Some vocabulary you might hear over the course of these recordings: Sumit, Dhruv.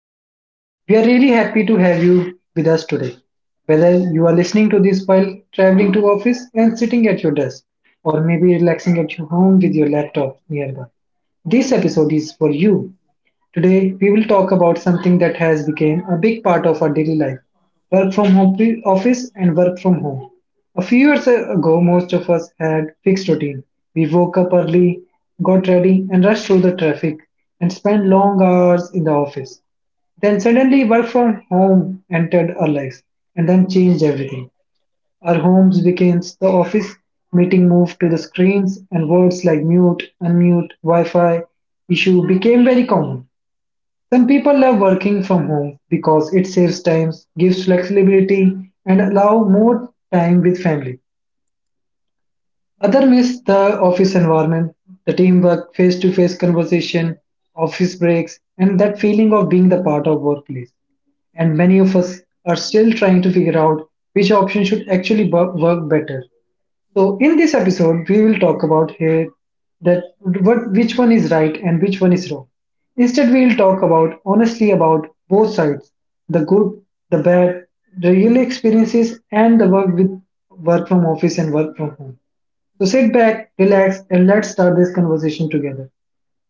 podcast. We are really happy to have you with us today. Whether you are listening to this while traveling to office and sitting at your desk, or maybe relaxing at your home with your laptop nearby, this episode is for you. Today, we will talk about something that has become a big part of our daily life work from home, office, and work from home. A few years ago, most of us had fixed routine. We woke up early, got ready, and rushed through the traffic and spent long hours in the office. Then suddenly work from home entered our lives and then changed everything. Our homes became the office, meeting moved to the screens and words like mute, unmute, Wi-Fi issue became very common. Some people love working from home because it saves time, gives flexibility, and allow more time with family. Others miss the office environment, the teamwork, face-to-face conversation, office breaks, and that feeling of being the part of workplace. And many of us are still trying to figure out which option should actually work better. So in this episode, we will talk about here that what which one is right and which one is wrong. Instead, we will talk about honestly about both sides, the good, the bad, the real experiences, and the work with work from office and work from home. So sit back, relax, and let's start this conversation together.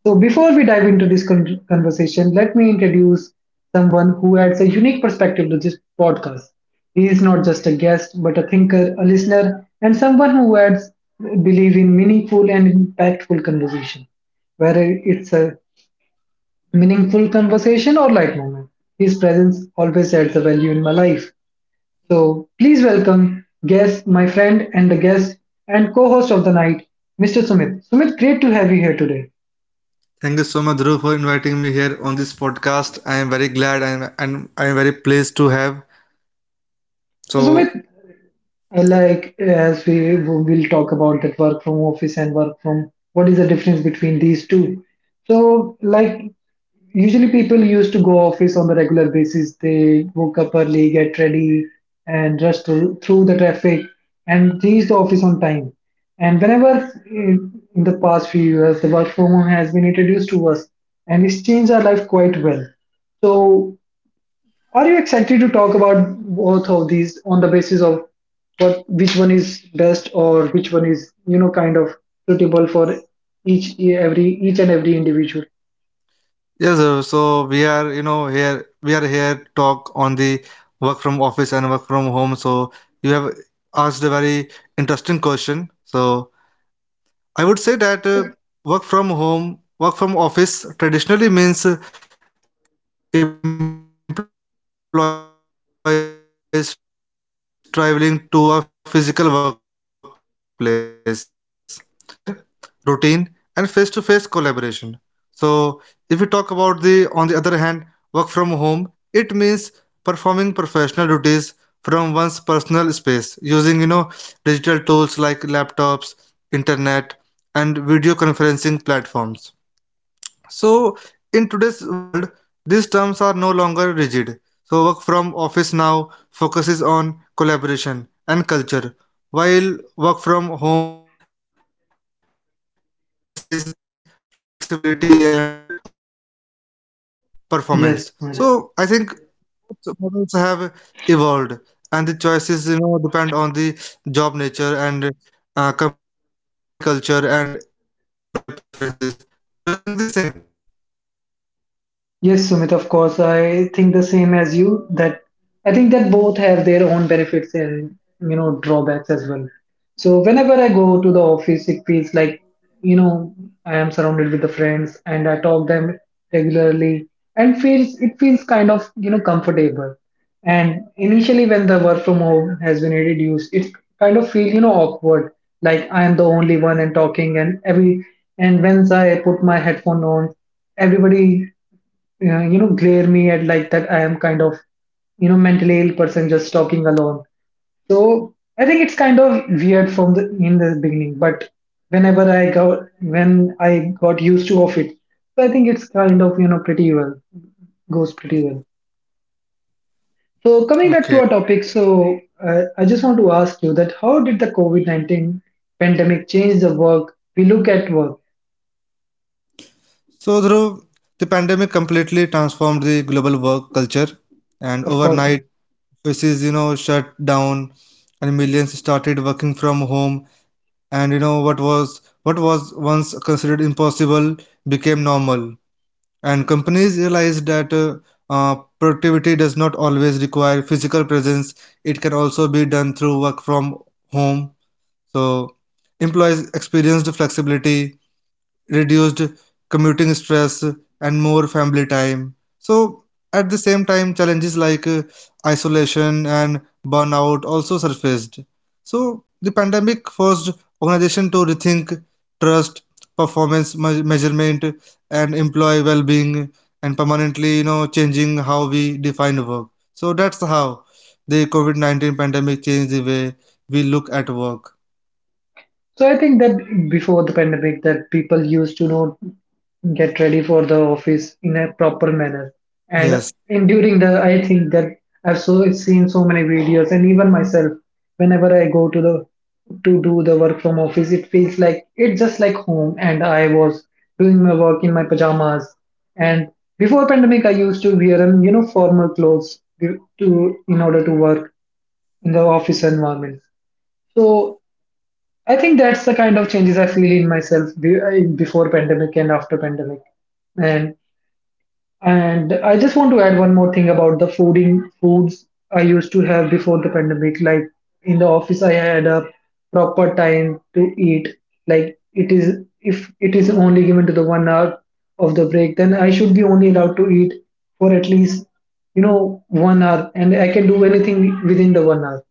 So, before we dive into this conversation, let me introduce someone who adds a unique perspective to this podcast. He is not just a guest, but a thinker, a listener, and someone who adds believe in meaningful and impactful conversation. Whether it's a meaningful conversation or light moment, his presence always adds a value in my life. So, please welcome guest, my friend, and the guest and co-host of the night, Mr. Sumit. Sumit, great to have you here today. Thank you so much, Dhruv, for inviting me here on this podcast. I am very glad and I am very pleased to have. So, So. Sumit, I like as we will talk about that work from office and work from what is the difference between these two. So like usually people used to go office on the regular basis. They woke up early, get ready, and rush through the traffic and reach the office on time. And whenever in the past few years the work from home has been introduced to us, and it's changed our life quite well. So are you excited to talk about both of these on the basis of what which one is best or which one is you know kind of suitable for each and every individual? Yes, sir. So we are, here we are here to talk on the work from office and work from home. So you have asked a very interesting question. So I would say that work from home, work from office traditionally means employees traveling to a physical workplace and following fixed hours and working under direct supervision. So it represents structure, routine, and face-to-face collaboration. So if we talk about on the other hand, work from home, it means performing professional duties from one's personal space using digital tools like laptops, internet, and video conferencing platforms. So, in today's world, these terms are no longer rigid. So, work from office now focuses on collaboration and culture, while work from home emphasizes flexibility and outcome based performance. Yes. So, I think both models have evolved, and the choices depend on the job nature and company culture and employee preferences. Do you think the same? Yes, Sumit, of course. I think the same as you that I think that both have their own benefits and you know drawbacks as well. So whenever I go to the office, it feels like you know I am surrounded with the friends and I talk them regularly and feels it feels kind of you know comfortable. And initially, when the work from home has been introduced, it kind of feel you know awkward, like I am the only one and talking and every and once I put my headphone on everybody you know glare me at like that I am kind of you know mentally ill person just talking alone. So I think it's kind of weird from the in the beginning, but whenever I got used to of it, so I think it's kind of you know pretty well goes pretty well. So coming back to Okay. our topic, so I just want to ask you that how did the covid-19 pandemic change the work we look at work. So, Dhruv, the pandemic completely transformed the global work culture, and Of course. overnight, offices, you know, shut down, and millions started working from home. And you know what was once considered impossible became normal. And companies realized that productivity does not always require physical presence. It can also be done through work from home. So, employees experienced flexibility, reduced commuting stress, and more family time. So, at the same time, challenges like isolation and burnout also surfaced. So, the pandemic forced organizations to rethink trust, measurement, and employee well being, and permanently, you know, changing how we define work. So, that's how the COVID 19 pandemic changed the way we look at work. So I think that before the pandemic, that people used to not get ready for the office in a proper manner, and Yes, in during the I think that I've so seen so many videos, and even myself, whenever I go to the to do the work from office, it feels like it's just like home, and I was doing my work in my pajamas. And before pandemic, I used to wear you know formal clothes in order to work in the office environment. So I think that's the kind of changes I feel in myself before pandemic and after pandemic. And I just want to add one more thing about the fooding foods I used to have before the pandemic. Like in the office, I had a proper time to eat. Like it is if it is only given to the 1 hour of the break, then I should be only allowed to eat for at least you know 1 hour, and I can do anything within the 1 hour.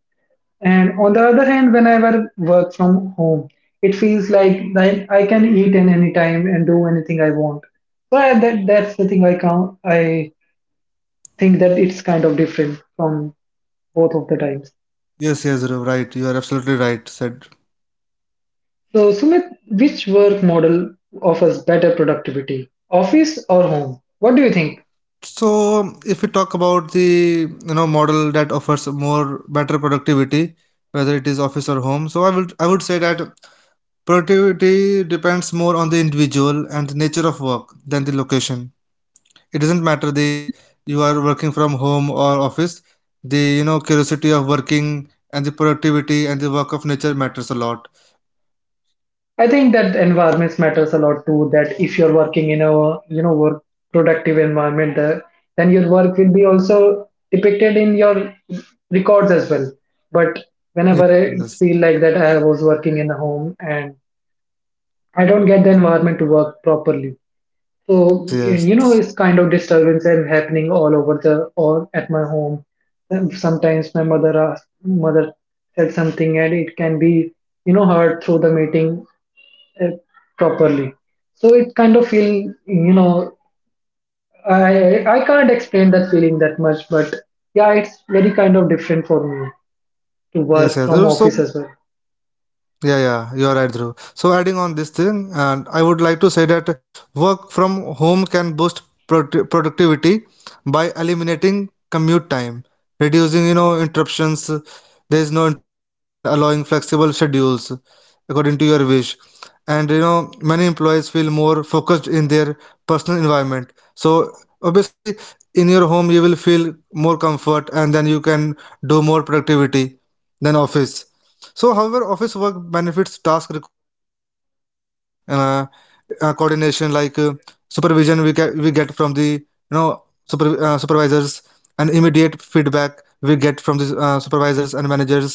And on the other hand, whenever work from home, it feels like I can eat in any time and do anything I want. So I, that that's the thing I count. I think that it's kind of different from both of the times. Yes, Dhruv, right. You are absolutely right, said. So Sumit, which work model offers better productivity, office or home? What do you think? So if we talk about the model that offers more better productivity, whether it is office or home, so I would say that productivity depends more on the individual and the nature of work than the location. It doesn't matter the you are working from home or office. The curiosity of working and the productivity and the work of nature matters a lot. I think So that environments matters a lot too. That if you're working in a you know work productive environment, then your work will be also depicted in your records as well. But yes, whenever yes, I feel like that, I was working in a home and I don't get the environment to work properly. yes, So yes, you know, it's kind of disturbance and happening all over the all at my home. And sometimes my mother asked, mother said something and it can be you know heard through the meeting uh, properly. So it kind of feel you know I can't explain that feeling that much, but yeah, it's very kind of different for me to yes, work yes. from So. office as well. Yeah, yeah, you are right, Dhruv. So, adding on this thing, and I would like to say that work from home can boost productivity by eliminating commute time, reducing, you know, interruptions. There is no interruptions and allowing flexible schedules according to your wish. And you know, many employees feel more focused in their personal environment. So, obviously, in your home, you will feel more comfort, and then you can do more productivity than office. So, however, office work benefits task requiring coordination, like supervision we get from the supervisors, and immediate feedback we get from the supervisors and managers.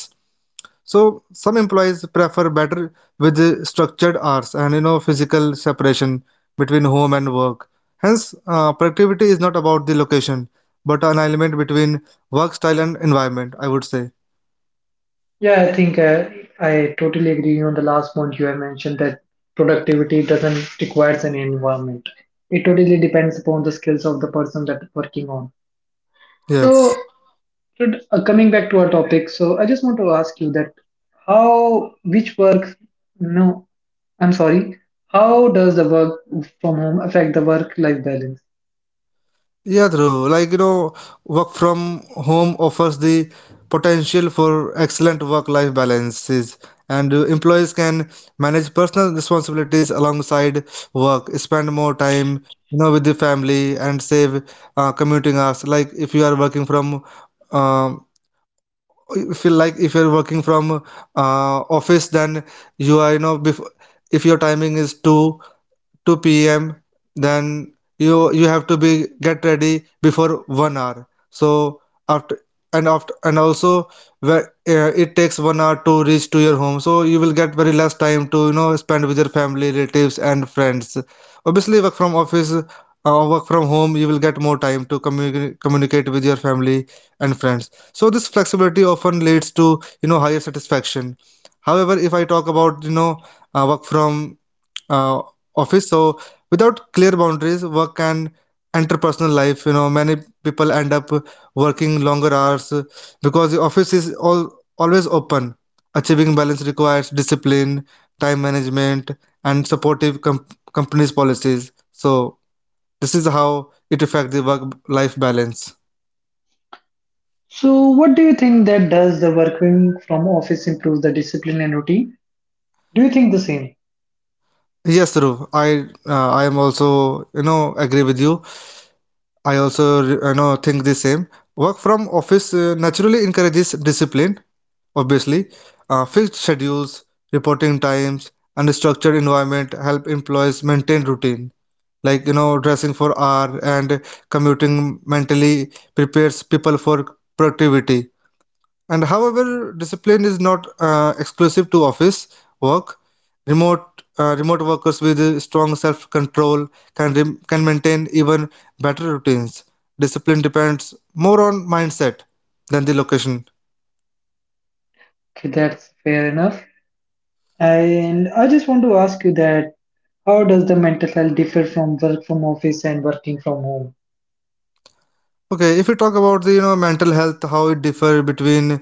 So, some employees prefer better with the structured hours and physical separation between home and work. Hence, productivity is not about the location, but an alignment between work style and environment. I would say Yeah, I think I totally agree on the last point you have mentioned that productivity doesn't requires an environment. It totally depends upon the skills of the person that working on. So yes. So coming back to our topic, so I just want to ask you that how which work? No, I'm sorry. How does the work from home affect the work-life balance? Yeah, true. Like you know, work from home offers the potential for excellent work-life balances, and employees can manage personal responsibilities alongside work, spend more time, you know, with the family, and save commuting hours. Like if you are working from, um, if you like if you are working from office, then you are you know before, if your timing is two 2 p.m., then you have to be get ready before 1 hour. So after, and after and also where, it takes 1 hour to reach to your home, so you will get very less time to spend with your family, relatives, and friends. Obviously work from office, work from home, you will get more time to communicate with your family and friends. So this flexibility often leads to higher satisfaction. However, if I talk about you know work from uh, office. So without clear boundaries, work and interpersonal life, you know, many people end up working longer hours because the office is all always open. Achieving balance requires discipline, time management, and supportive companies policies. So this is how it affects the work life balance. So what do you think that does the working from office improve the discipline and routine? Do you think the same? Yes, Dhruv, I am also you know agree with you. I also you know think the same. Work from office naturally encourages discipline. Obviously, fixed schedules, reporting times, and a structured environment help employees maintain routine. Like you know, dressing for hour and commuting mentally prepares people for productivity. And however, discipline is not exclusive to office work. Remote Remote workers with strong self-control can maintain even better routines. Discipline depends more on mindset than the location. Okay, that's fair enough. And I just want to ask you that how does the mental health differ from work from office and working from home? Okay, if we talk about the mental health, how it differ between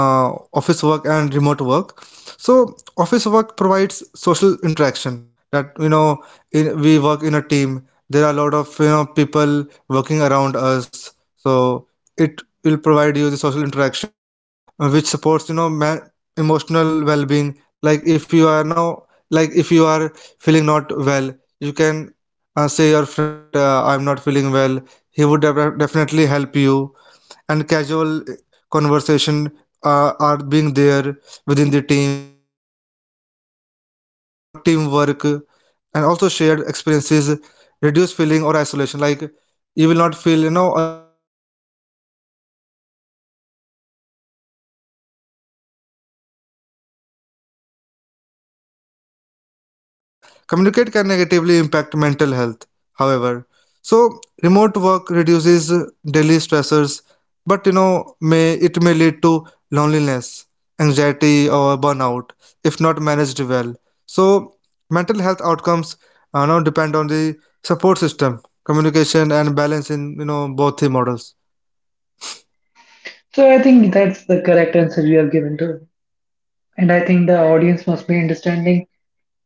uh, office work and remote work. So office work provides social interaction, that you know, we work in a team. There are a lot of people working around us, so it will provide you the social interaction which supports you know emotional well-being. Like if you are now, like if you are feeling not well, you can say your friend that I'm not feeling well, he would definitely help you. And casual conversation are being there within the team, and there will be also a teamwork and also shared experiences reduce feeling or isolation. Like you will not feel you know alone there. You will not feel isolation because you have friends there, you have colleagues there, you can, you know, share your feelings and thoughts with them. So, communicate can negatively impact mental health, however. So, remote work reduces daily stressors, but you know, may lead to loneliness, anxiety, or burnout if not managed well. So, mental health outcomes now depend on the support system, communication, and balance in you know both the models. So I think that's the correct answer you have given to, and I think the audience must be understanding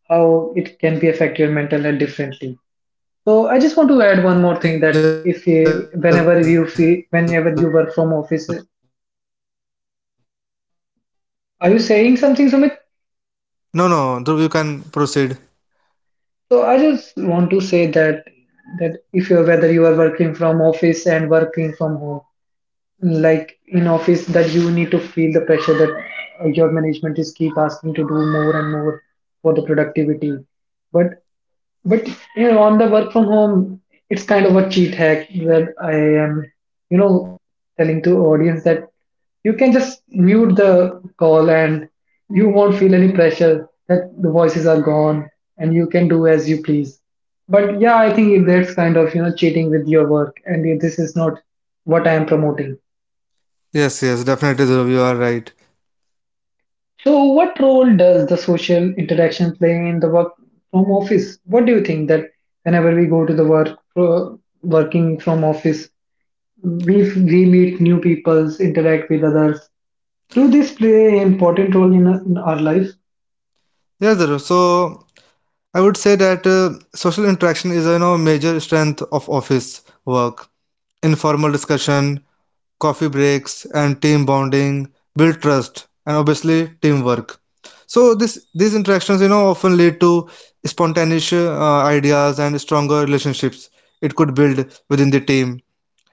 how it can be affect your mental health differently. So I Yes. just want to add one more thing that if you, whenever you feel, whenever you work from office, are you saying something, Sumit? No, no, Dhruv, you can proceed. So I just want to say that if you're whether you are working from office and working from home, like in office, that you need to feel the pressure that your management is keep asking to do more and more for the productivity. But But you know, on the work from home, it's kind of a cheat hack that I am, you know, telling to audience that you can just mute the call and you won't feel any pressure that the voices are gone and you can do as you please. But yeah, I think that's kind of you know cheating with your work, and this is not what I am promoting. Yes, yes, definitely, Dhruv, you are right. So, what role does the social interaction play in the work from office? What do you think that whenever we go to the work, uh, working from office, we meet new people, interact with others. Do this play an important role in our life? Yes, Dhruv, so I would say that social interaction is, you know, major strength of office work. Informal discussion, coffee breaks, and team bonding build trust and obviously teamwork. So this these interactions, you know, often lead to spontaneous ideas and stronger relationships. It could build within the team.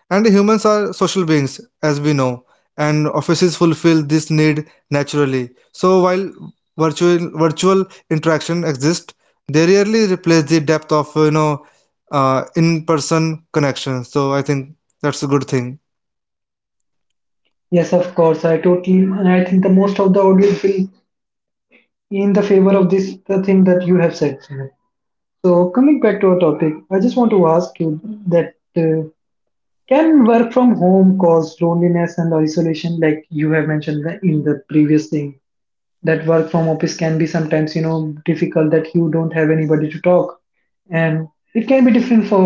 And humans are social beings, as we know, and offices fulfill this need naturally. So while virtual interaction exists, they rarely replace the depth of you know in-person connection. So I think that's a good thing. Yes, of course. I totally, and I think the most of the audience will in the favor of this the thing that you have said. Sunil. So, coming back to our topic, I just want to ask you that. Can work from home cause loneliness and isolation, like you have mentioned in the previous thing? That work from office can be sometimes, you know, difficult that you don't have anybody to talk, and it can be different for.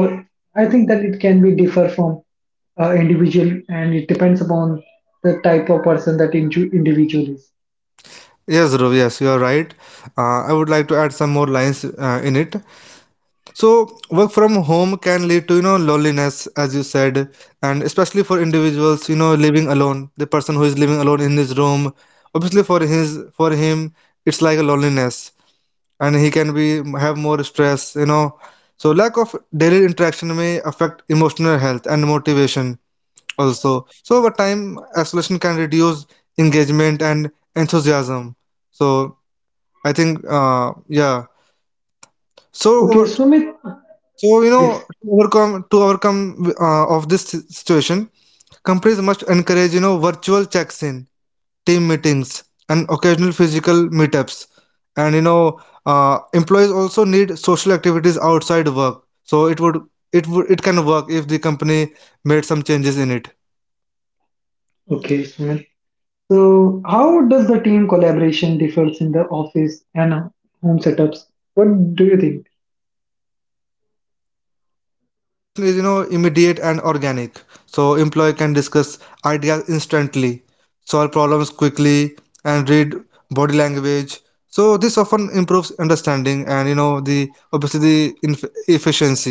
I think that it can be differ from individual, and it depends upon the type of person that individual is. Yes, Dhruv, yes, you are right. I would like to add some more lines in it. So work from home can lead to you know loneliness, as you said, and especially for individuals you know living alone. The person who is living alone in his room, obviously for him, it's like a loneliness, and he can be have more stress. You know, so lack of daily interaction may affect emotional health and motivation also. So over time, isolation can reduce engagement and enthusiasm. So I think yeah. So Okay, over Sumit. So you know Yes. To overcome of this situation, companies must encourage you know virtual checks-in, team meetings, and occasional physical meetups. And you know employees also need social activities outside work. So it would it can work if the company made some changes in it. Okay, Sumit. So, how does the team collaboration differs in the office and home setups? What do you think? So, office collaboration is, you know, immediate and organic. So, employee can discuss ideas instantly, solve problems quickly, and read body language. So, this often improves understanding and, you know, the obviously the efficiency.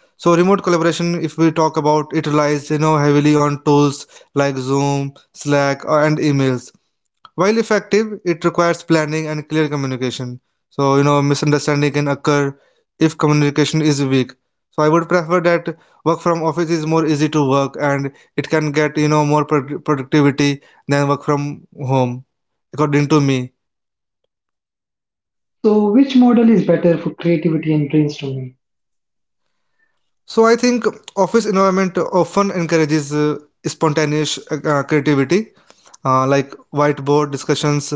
So, remote collaboration, if we talk about, it relies, you know, heavily on tools like Zoom, Slack, and emails. While effective, it requires planning and clear communication. So, you know, misunderstanding can occur if communication is weak. So, I would prefer that work from office is more easy to work and it can get, you know, more productivity than work from home, according to me. So, which model is better for creativity and brainstorming? So, I think office environment often encourages spontaneous creativity, like whiteboard discussions,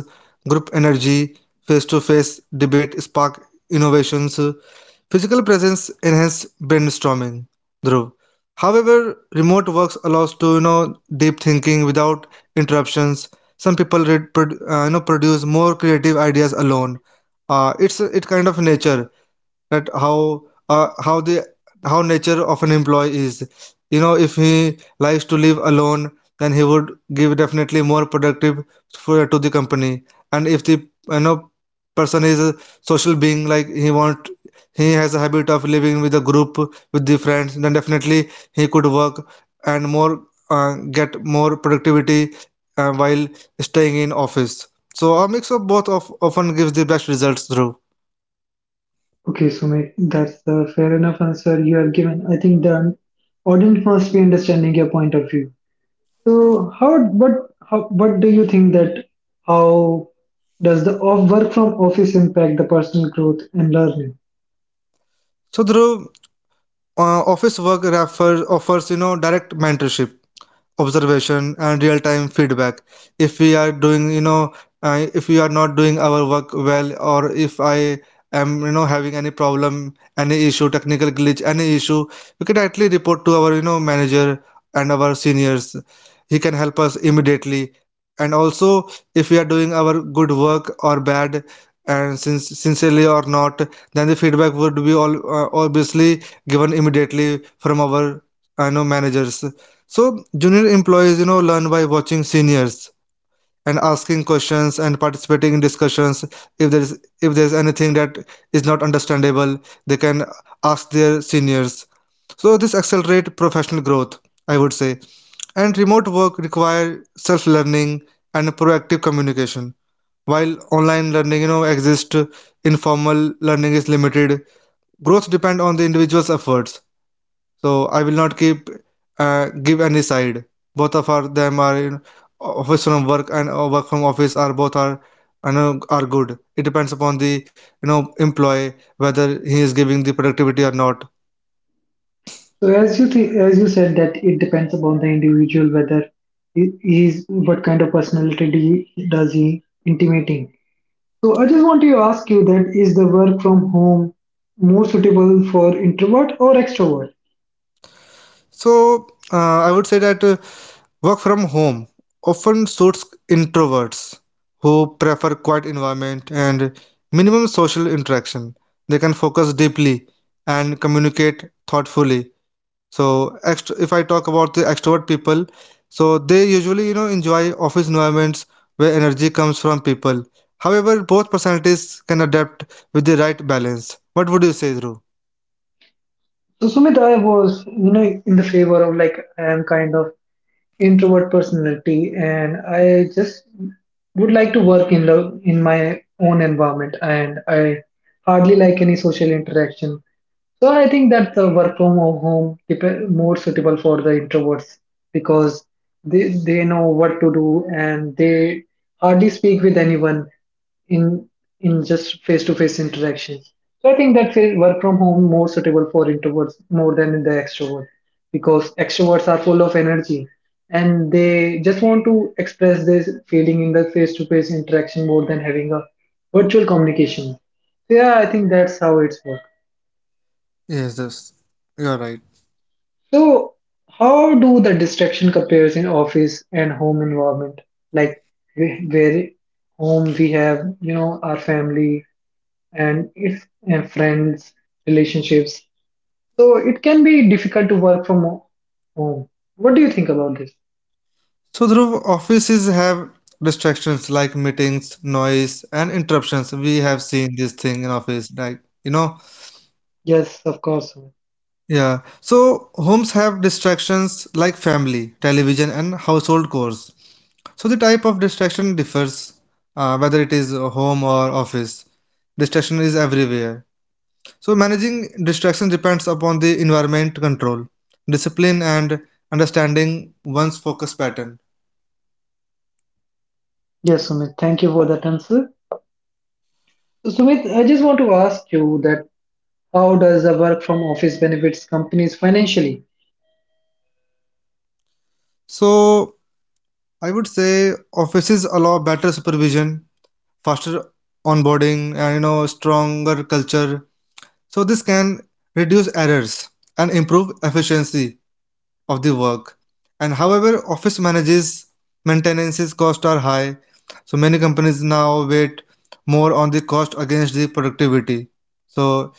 group energy, face-to-face debate spark innovations. Physical presence enhanced brainstorming, Dhruv. However, remote works allows to you know deep thinking without interruptions. Some people read, you know produce more creative ideas alone. It's it kind of nature that how the how nature of an employee is. You know, if he likes to live alone, then he would give definitely more productive to the company. And if the, you know, person is a social being, like he want, he has a habit of living with a group, with the friends, then definitely he could work and more, get more productivity while staying in office. So a mix of both of often gives the best results through Okay, Sumit, that's a fair enough answer you have given. I think the audience must be understanding your point of view. So what do you think that how does the off work from office impact the personal growth and learning? So Dhruv, office work refers, offers, you know, direct mentorship, observation and real time feedback. If we are doing, if we are not doing our work well, or if I am, you know, having any problem, any issue, technical glitch, any issue, we can directly report to our, you know, manager and our seniors. He can help us immediately. And also if we are doing our good work or bad, and sincerely or not, then the feedback would be all obviously given immediately from our, I know, managers. So junior employees, you know, learn by watching seniors and asking questions and participating in discussions. If there is anything that is not understandable, they can ask their seniors. So this accelerate professional growth, I would say. And remote work require self-learning and proactive communication. While online learning, you know, exists, informal learning is limited. Growth depend on the individual's efforts. So I will not keep give any side. Both of are them are, you know, office from work and work from office are both are, you know, are good. It depends upon the, you know, employee whether he is giving the productivity or not. So, as you think, as you said that it depends upon the individual whether he is what kind of personality does he intimating. So I just want to ask you that is the work from home more suitable for introvert or extrovert? So I would say that work from home often suits introverts who prefer quiet environment and minimum social interaction. They can focus deeply and communicate thoughtfully. So if I talk about the extrovert people, so they usually, you know, enjoy office environments where energy comes from people. However, both personalities can adapt with the right balance. What would you say, Dhruv? So Sumit, I was in the favor of, like, I am kind of introvert personality, and I just would like to work in the in my own environment, and I hardly like any social interaction. So I think that the work from home more suitable for the introverts because they know what to do, and they hardly speak with anyone in in just face to face interaction. So I think that work from home more suitable for introverts more than the extrovert because extroverts are full of energy, and they just want to express this feeling in the face to face interaction more than having a virtual communication. So yeah, I think that's how it's work. Yes, yes, you're right. So how do the distraction compares in office and home environment? Like where home we have our family, and it's friends, relationships. So it can be difficult to work from home. What do you think about this? So Dhruv, offices have distractions like meetings, noise, and interruptions. We have seen this thing in office, like you know, Yes, of course. Sumit. yeah. So homes have distractions like family, television, and household chores. So the type of distraction differs, whether it is home or office. Distraction is everywhere. So managing distraction depends upon the environment control, discipline, and understanding one's focus pattern. Yes, Sumit. Thank you for that answer. So, Sumit, I just want to ask you that how does the work from office benefits companies financially? So I would say offices allow better supervision, faster onboarding, and you know stronger culture. So this can reduce errors and improve efficiency of the work. And however, office manages maintenance costs are high, so many companies now wait more on the cost against the productivity. So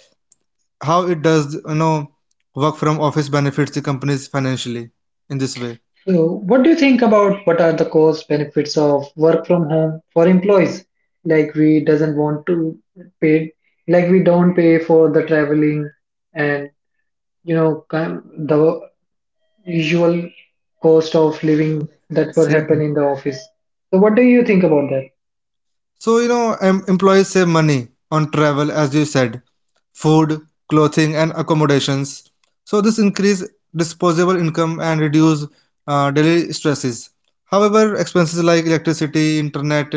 how it does, you know, work from office benefits the companies financially in this way? So, what do you think about what are the cost benefits of work from home for employees? Like we doesn't want to pay, like we don't pay for the traveling, and the usual cost of living that will So, happen yeah. in the office. So what do you think about that? So, you know, employees save money on travel, as you said, food, clothing, and accommodations. So this increase disposable income and reduce daily stresses. However, expenses like electricity, internet,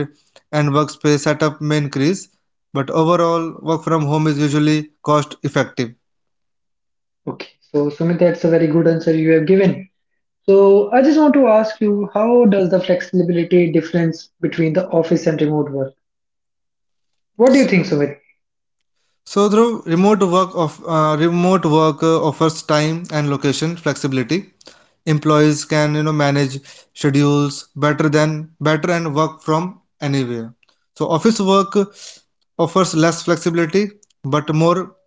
and workspace setup may increase, but overall, work from home is usually cost effective. Okay, so Sumit, that's a very good answer you have given. So I just want to ask you, how does the flexibility difference between the office and remote work? What do you think, Sumit? So, through remote work of remote work offers time and location flexibility. Employees can, you know, manage schedules better, and work from anywhere. So office work offers less flexibility but more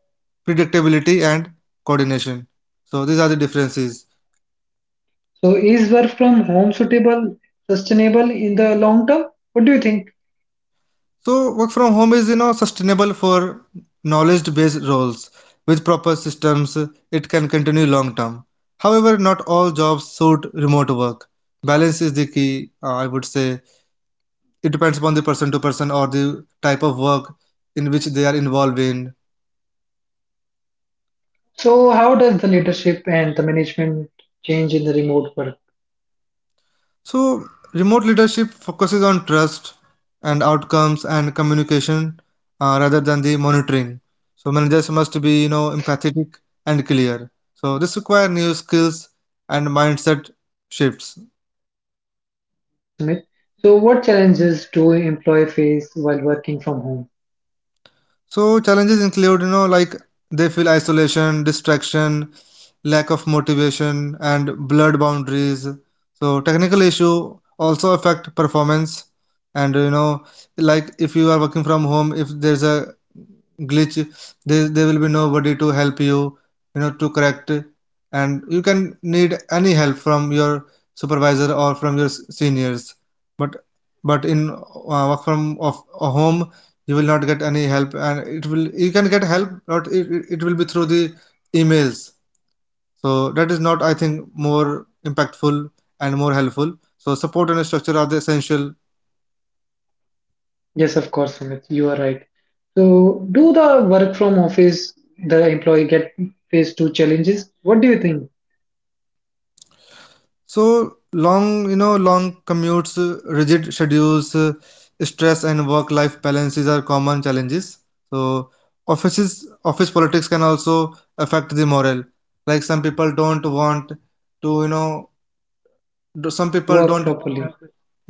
predictability and coordination. So these are the differences. So is work from home suitable, sustainable in the long term? What do you think? So work from home is, you know, sustainable for knowledge based roles. With proper systems it can continue long term. However, not all jobs suit remote work. Balance is the key, I would say. It depends upon the person to person, or the type of work in which they are involved in. So how does the leadership and the management change in the remote work? So remote leadership focuses on trust and outcomes and communication, rather than the monitoring. So managers must be, you know, empathetic and clear. So this requires new skills and mindset shifts. Okay, Sumit. So what challenges do employee face while working from home? So challenges include, you know, like they feel isolation, distraction, lack of motivation, and blurred boundaries. So technical issue also affect performance. And you know, like if you are working from home, if there's a glitch, there will be nobody to help you, you know, to correct. And you can need any help from your supervisor or from your seniors. But in work from of a home, you will not get any help. And it will, you can get help, but it will be through the emails. So that is not, I think, more impactful and more helpful. So support and structure are the essential. Yes, of course, Sumit, you are right. So, do the work from office, the employee get phase two challenges? What do you think? So long, you know, long commutes, rigid schedules, stress, and work-life balances are common challenges. So office politics can also affect the morale. Like some people don't want to, you know, some people Work don't want. properly.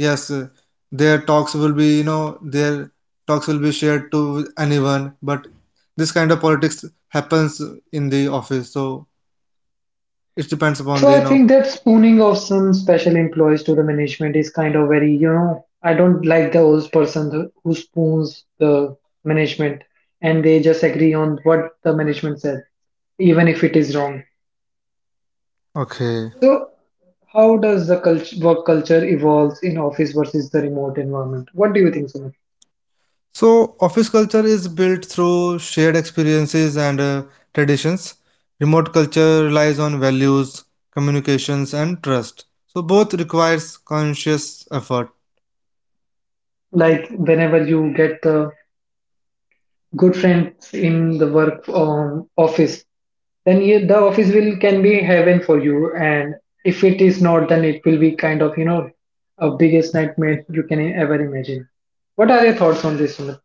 Yes, their talks will be, you know, their talks will be shared to anyone. But this kind of politics happens in the office, so it depends upon So, the, you I know. think that spooning of some special employees to the management is kind of very, I don't like the old person who spoons the management, and they just agree on what the management said, even if it is wrong. Okay. So, how does the work culture evolves in office versus the remote environment? What do you think, Sumit? So office culture is built through shared experiences and traditions. Remote culture relies on values, communications, and trust. So both requires conscious effort. Like whenever you get the good friends in the work office, then you, the office will can be heaven for you, and if it is not, then it will be kind of, a biggest nightmare you can ever imagine. What are your thoughts on this, Sumit?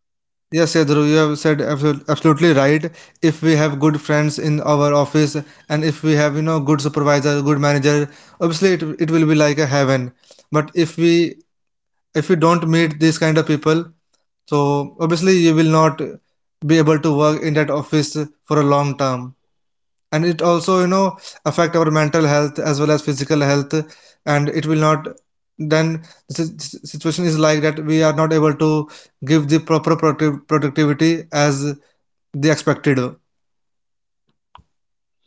Yes, Yadru, you have said absolutely right. If we have good friends in our office, and if we have, you know, good supervisor, good manager, obviously it will be like a heaven. But if we don't meet these kind of people, so obviously you will not be able to work in that office for a long term. And it also, you know, affect our mental health as well as physical health. And it will not then the situation is like that we are not able to give the proper productive productivity as the expected.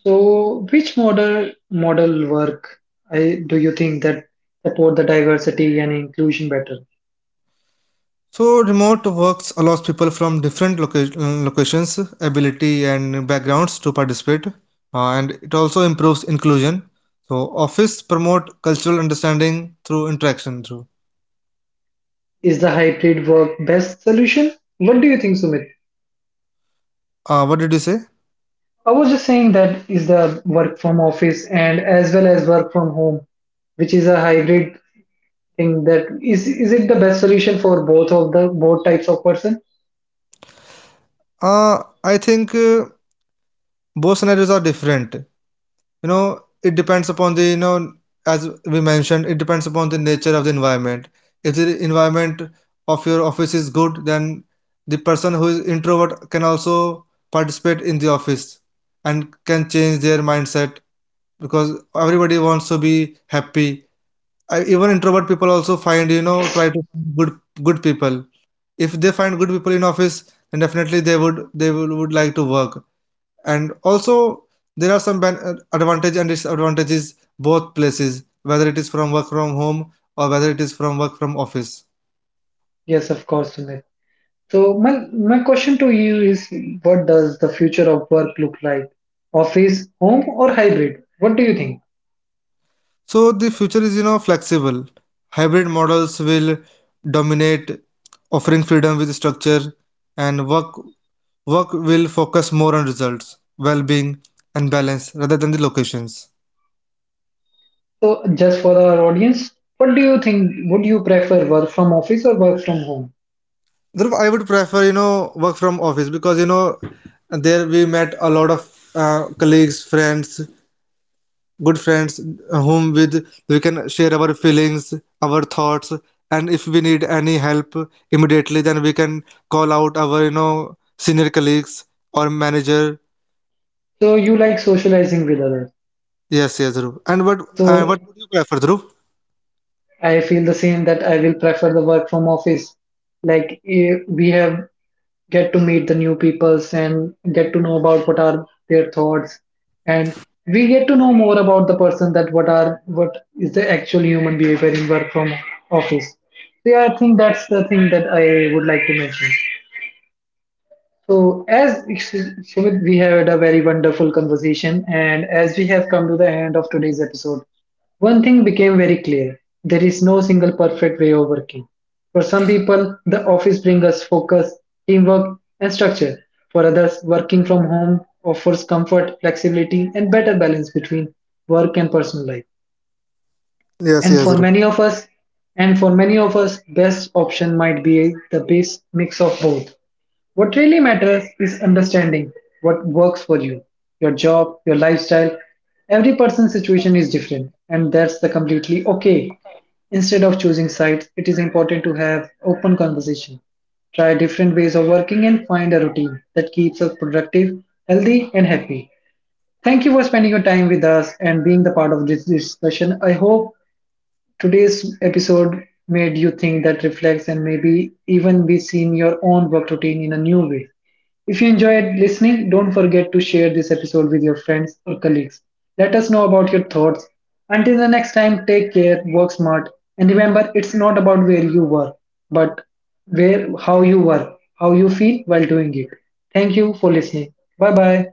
So which model work, I, do you think that support the diversity and inclusion better? So remote works allows people from different locations, ability and backgrounds to participate, and it also improves inclusion. So office promote cultural understanding through interaction. Through Is the hybrid work best solution? What do you think, Sumit? What did you say? I was just saying that is the work from office and as well as work from home, which is a hybrid thing. That is it the best solution for both of the both types of person? Uh, I think both scenarios are different. You know, it depends upon the, you know, as we mentioned, it depends upon the nature of the environment. If the environment of your office is good, then the person who is introvert can also participate in the office and can change their mindset, because everybody wants to be happy. I, even introvert people also find, you know, try to find good people. If they find good people in office, then definitely they would, would like to work. And also there are some advantage and disadvantages both places, whether it is from work from home or whether it is from work from office. Yes, of course, Sumit. So my question to you is, what does the future of work look like? Office, home, or hybrid? What do you think? So the future is, you know, flexible. Hybrid models will dominate, offering freedom with structure. And work will focus more on results, well-being, and balance, rather than the locations. So just for our audience, what do you think? Would you prefer work from office or work from home? Dhruv, I would prefer, you know, work from office because, you know, there we met a lot of colleagues, friends, good friends, whom with we can share our feelings, our thoughts, and if we need any help immediately, then we can call out our, you know, senior colleagues or manager. So you like socializing with others. Yes, yes, Dhruv. And So what would you prefer, Dhruv? I feel the same that I will prefer the work from office. Like we have get to meet the new peoples and get to know about what are their thoughts, and we get to know more about the person that what are what is the actual human behavior in work from office. So yeah, I think that's the thing that I would like to mention. So, as Sumit, we had a very wonderful conversation, and as we have come to the end of today's episode, one thing became very clear: there is no single perfect way of working. For some people, the office brings us focus, teamwork, and structure. For others, working from home offers comfort, flexibility, and better balance between work and personal life. Yes, And yes, for Dhruv. many of us, and for many of us, best option might be the best mix of both. What really matters is understanding what works for you, your job, your lifestyle. Every person's situation is different, and that's the completely okay. Instead of choosing sides, it is important to have open conversation. Try different ways of working and find a routine that keeps us productive, healthy, and happy. Thank you for spending your time with us and being the part of this discussion. I hope today's episode made you think that reflects and maybe even be seeing your own work routine in a new way. If you enjoyed listening, don't forget to share this episode with your friends or colleagues. Let us know about your thoughts. Until the next time, take care, work smart, and remember it's not about where you work, but where how you work, how you feel while doing it. Thank you for listening. Bye bye.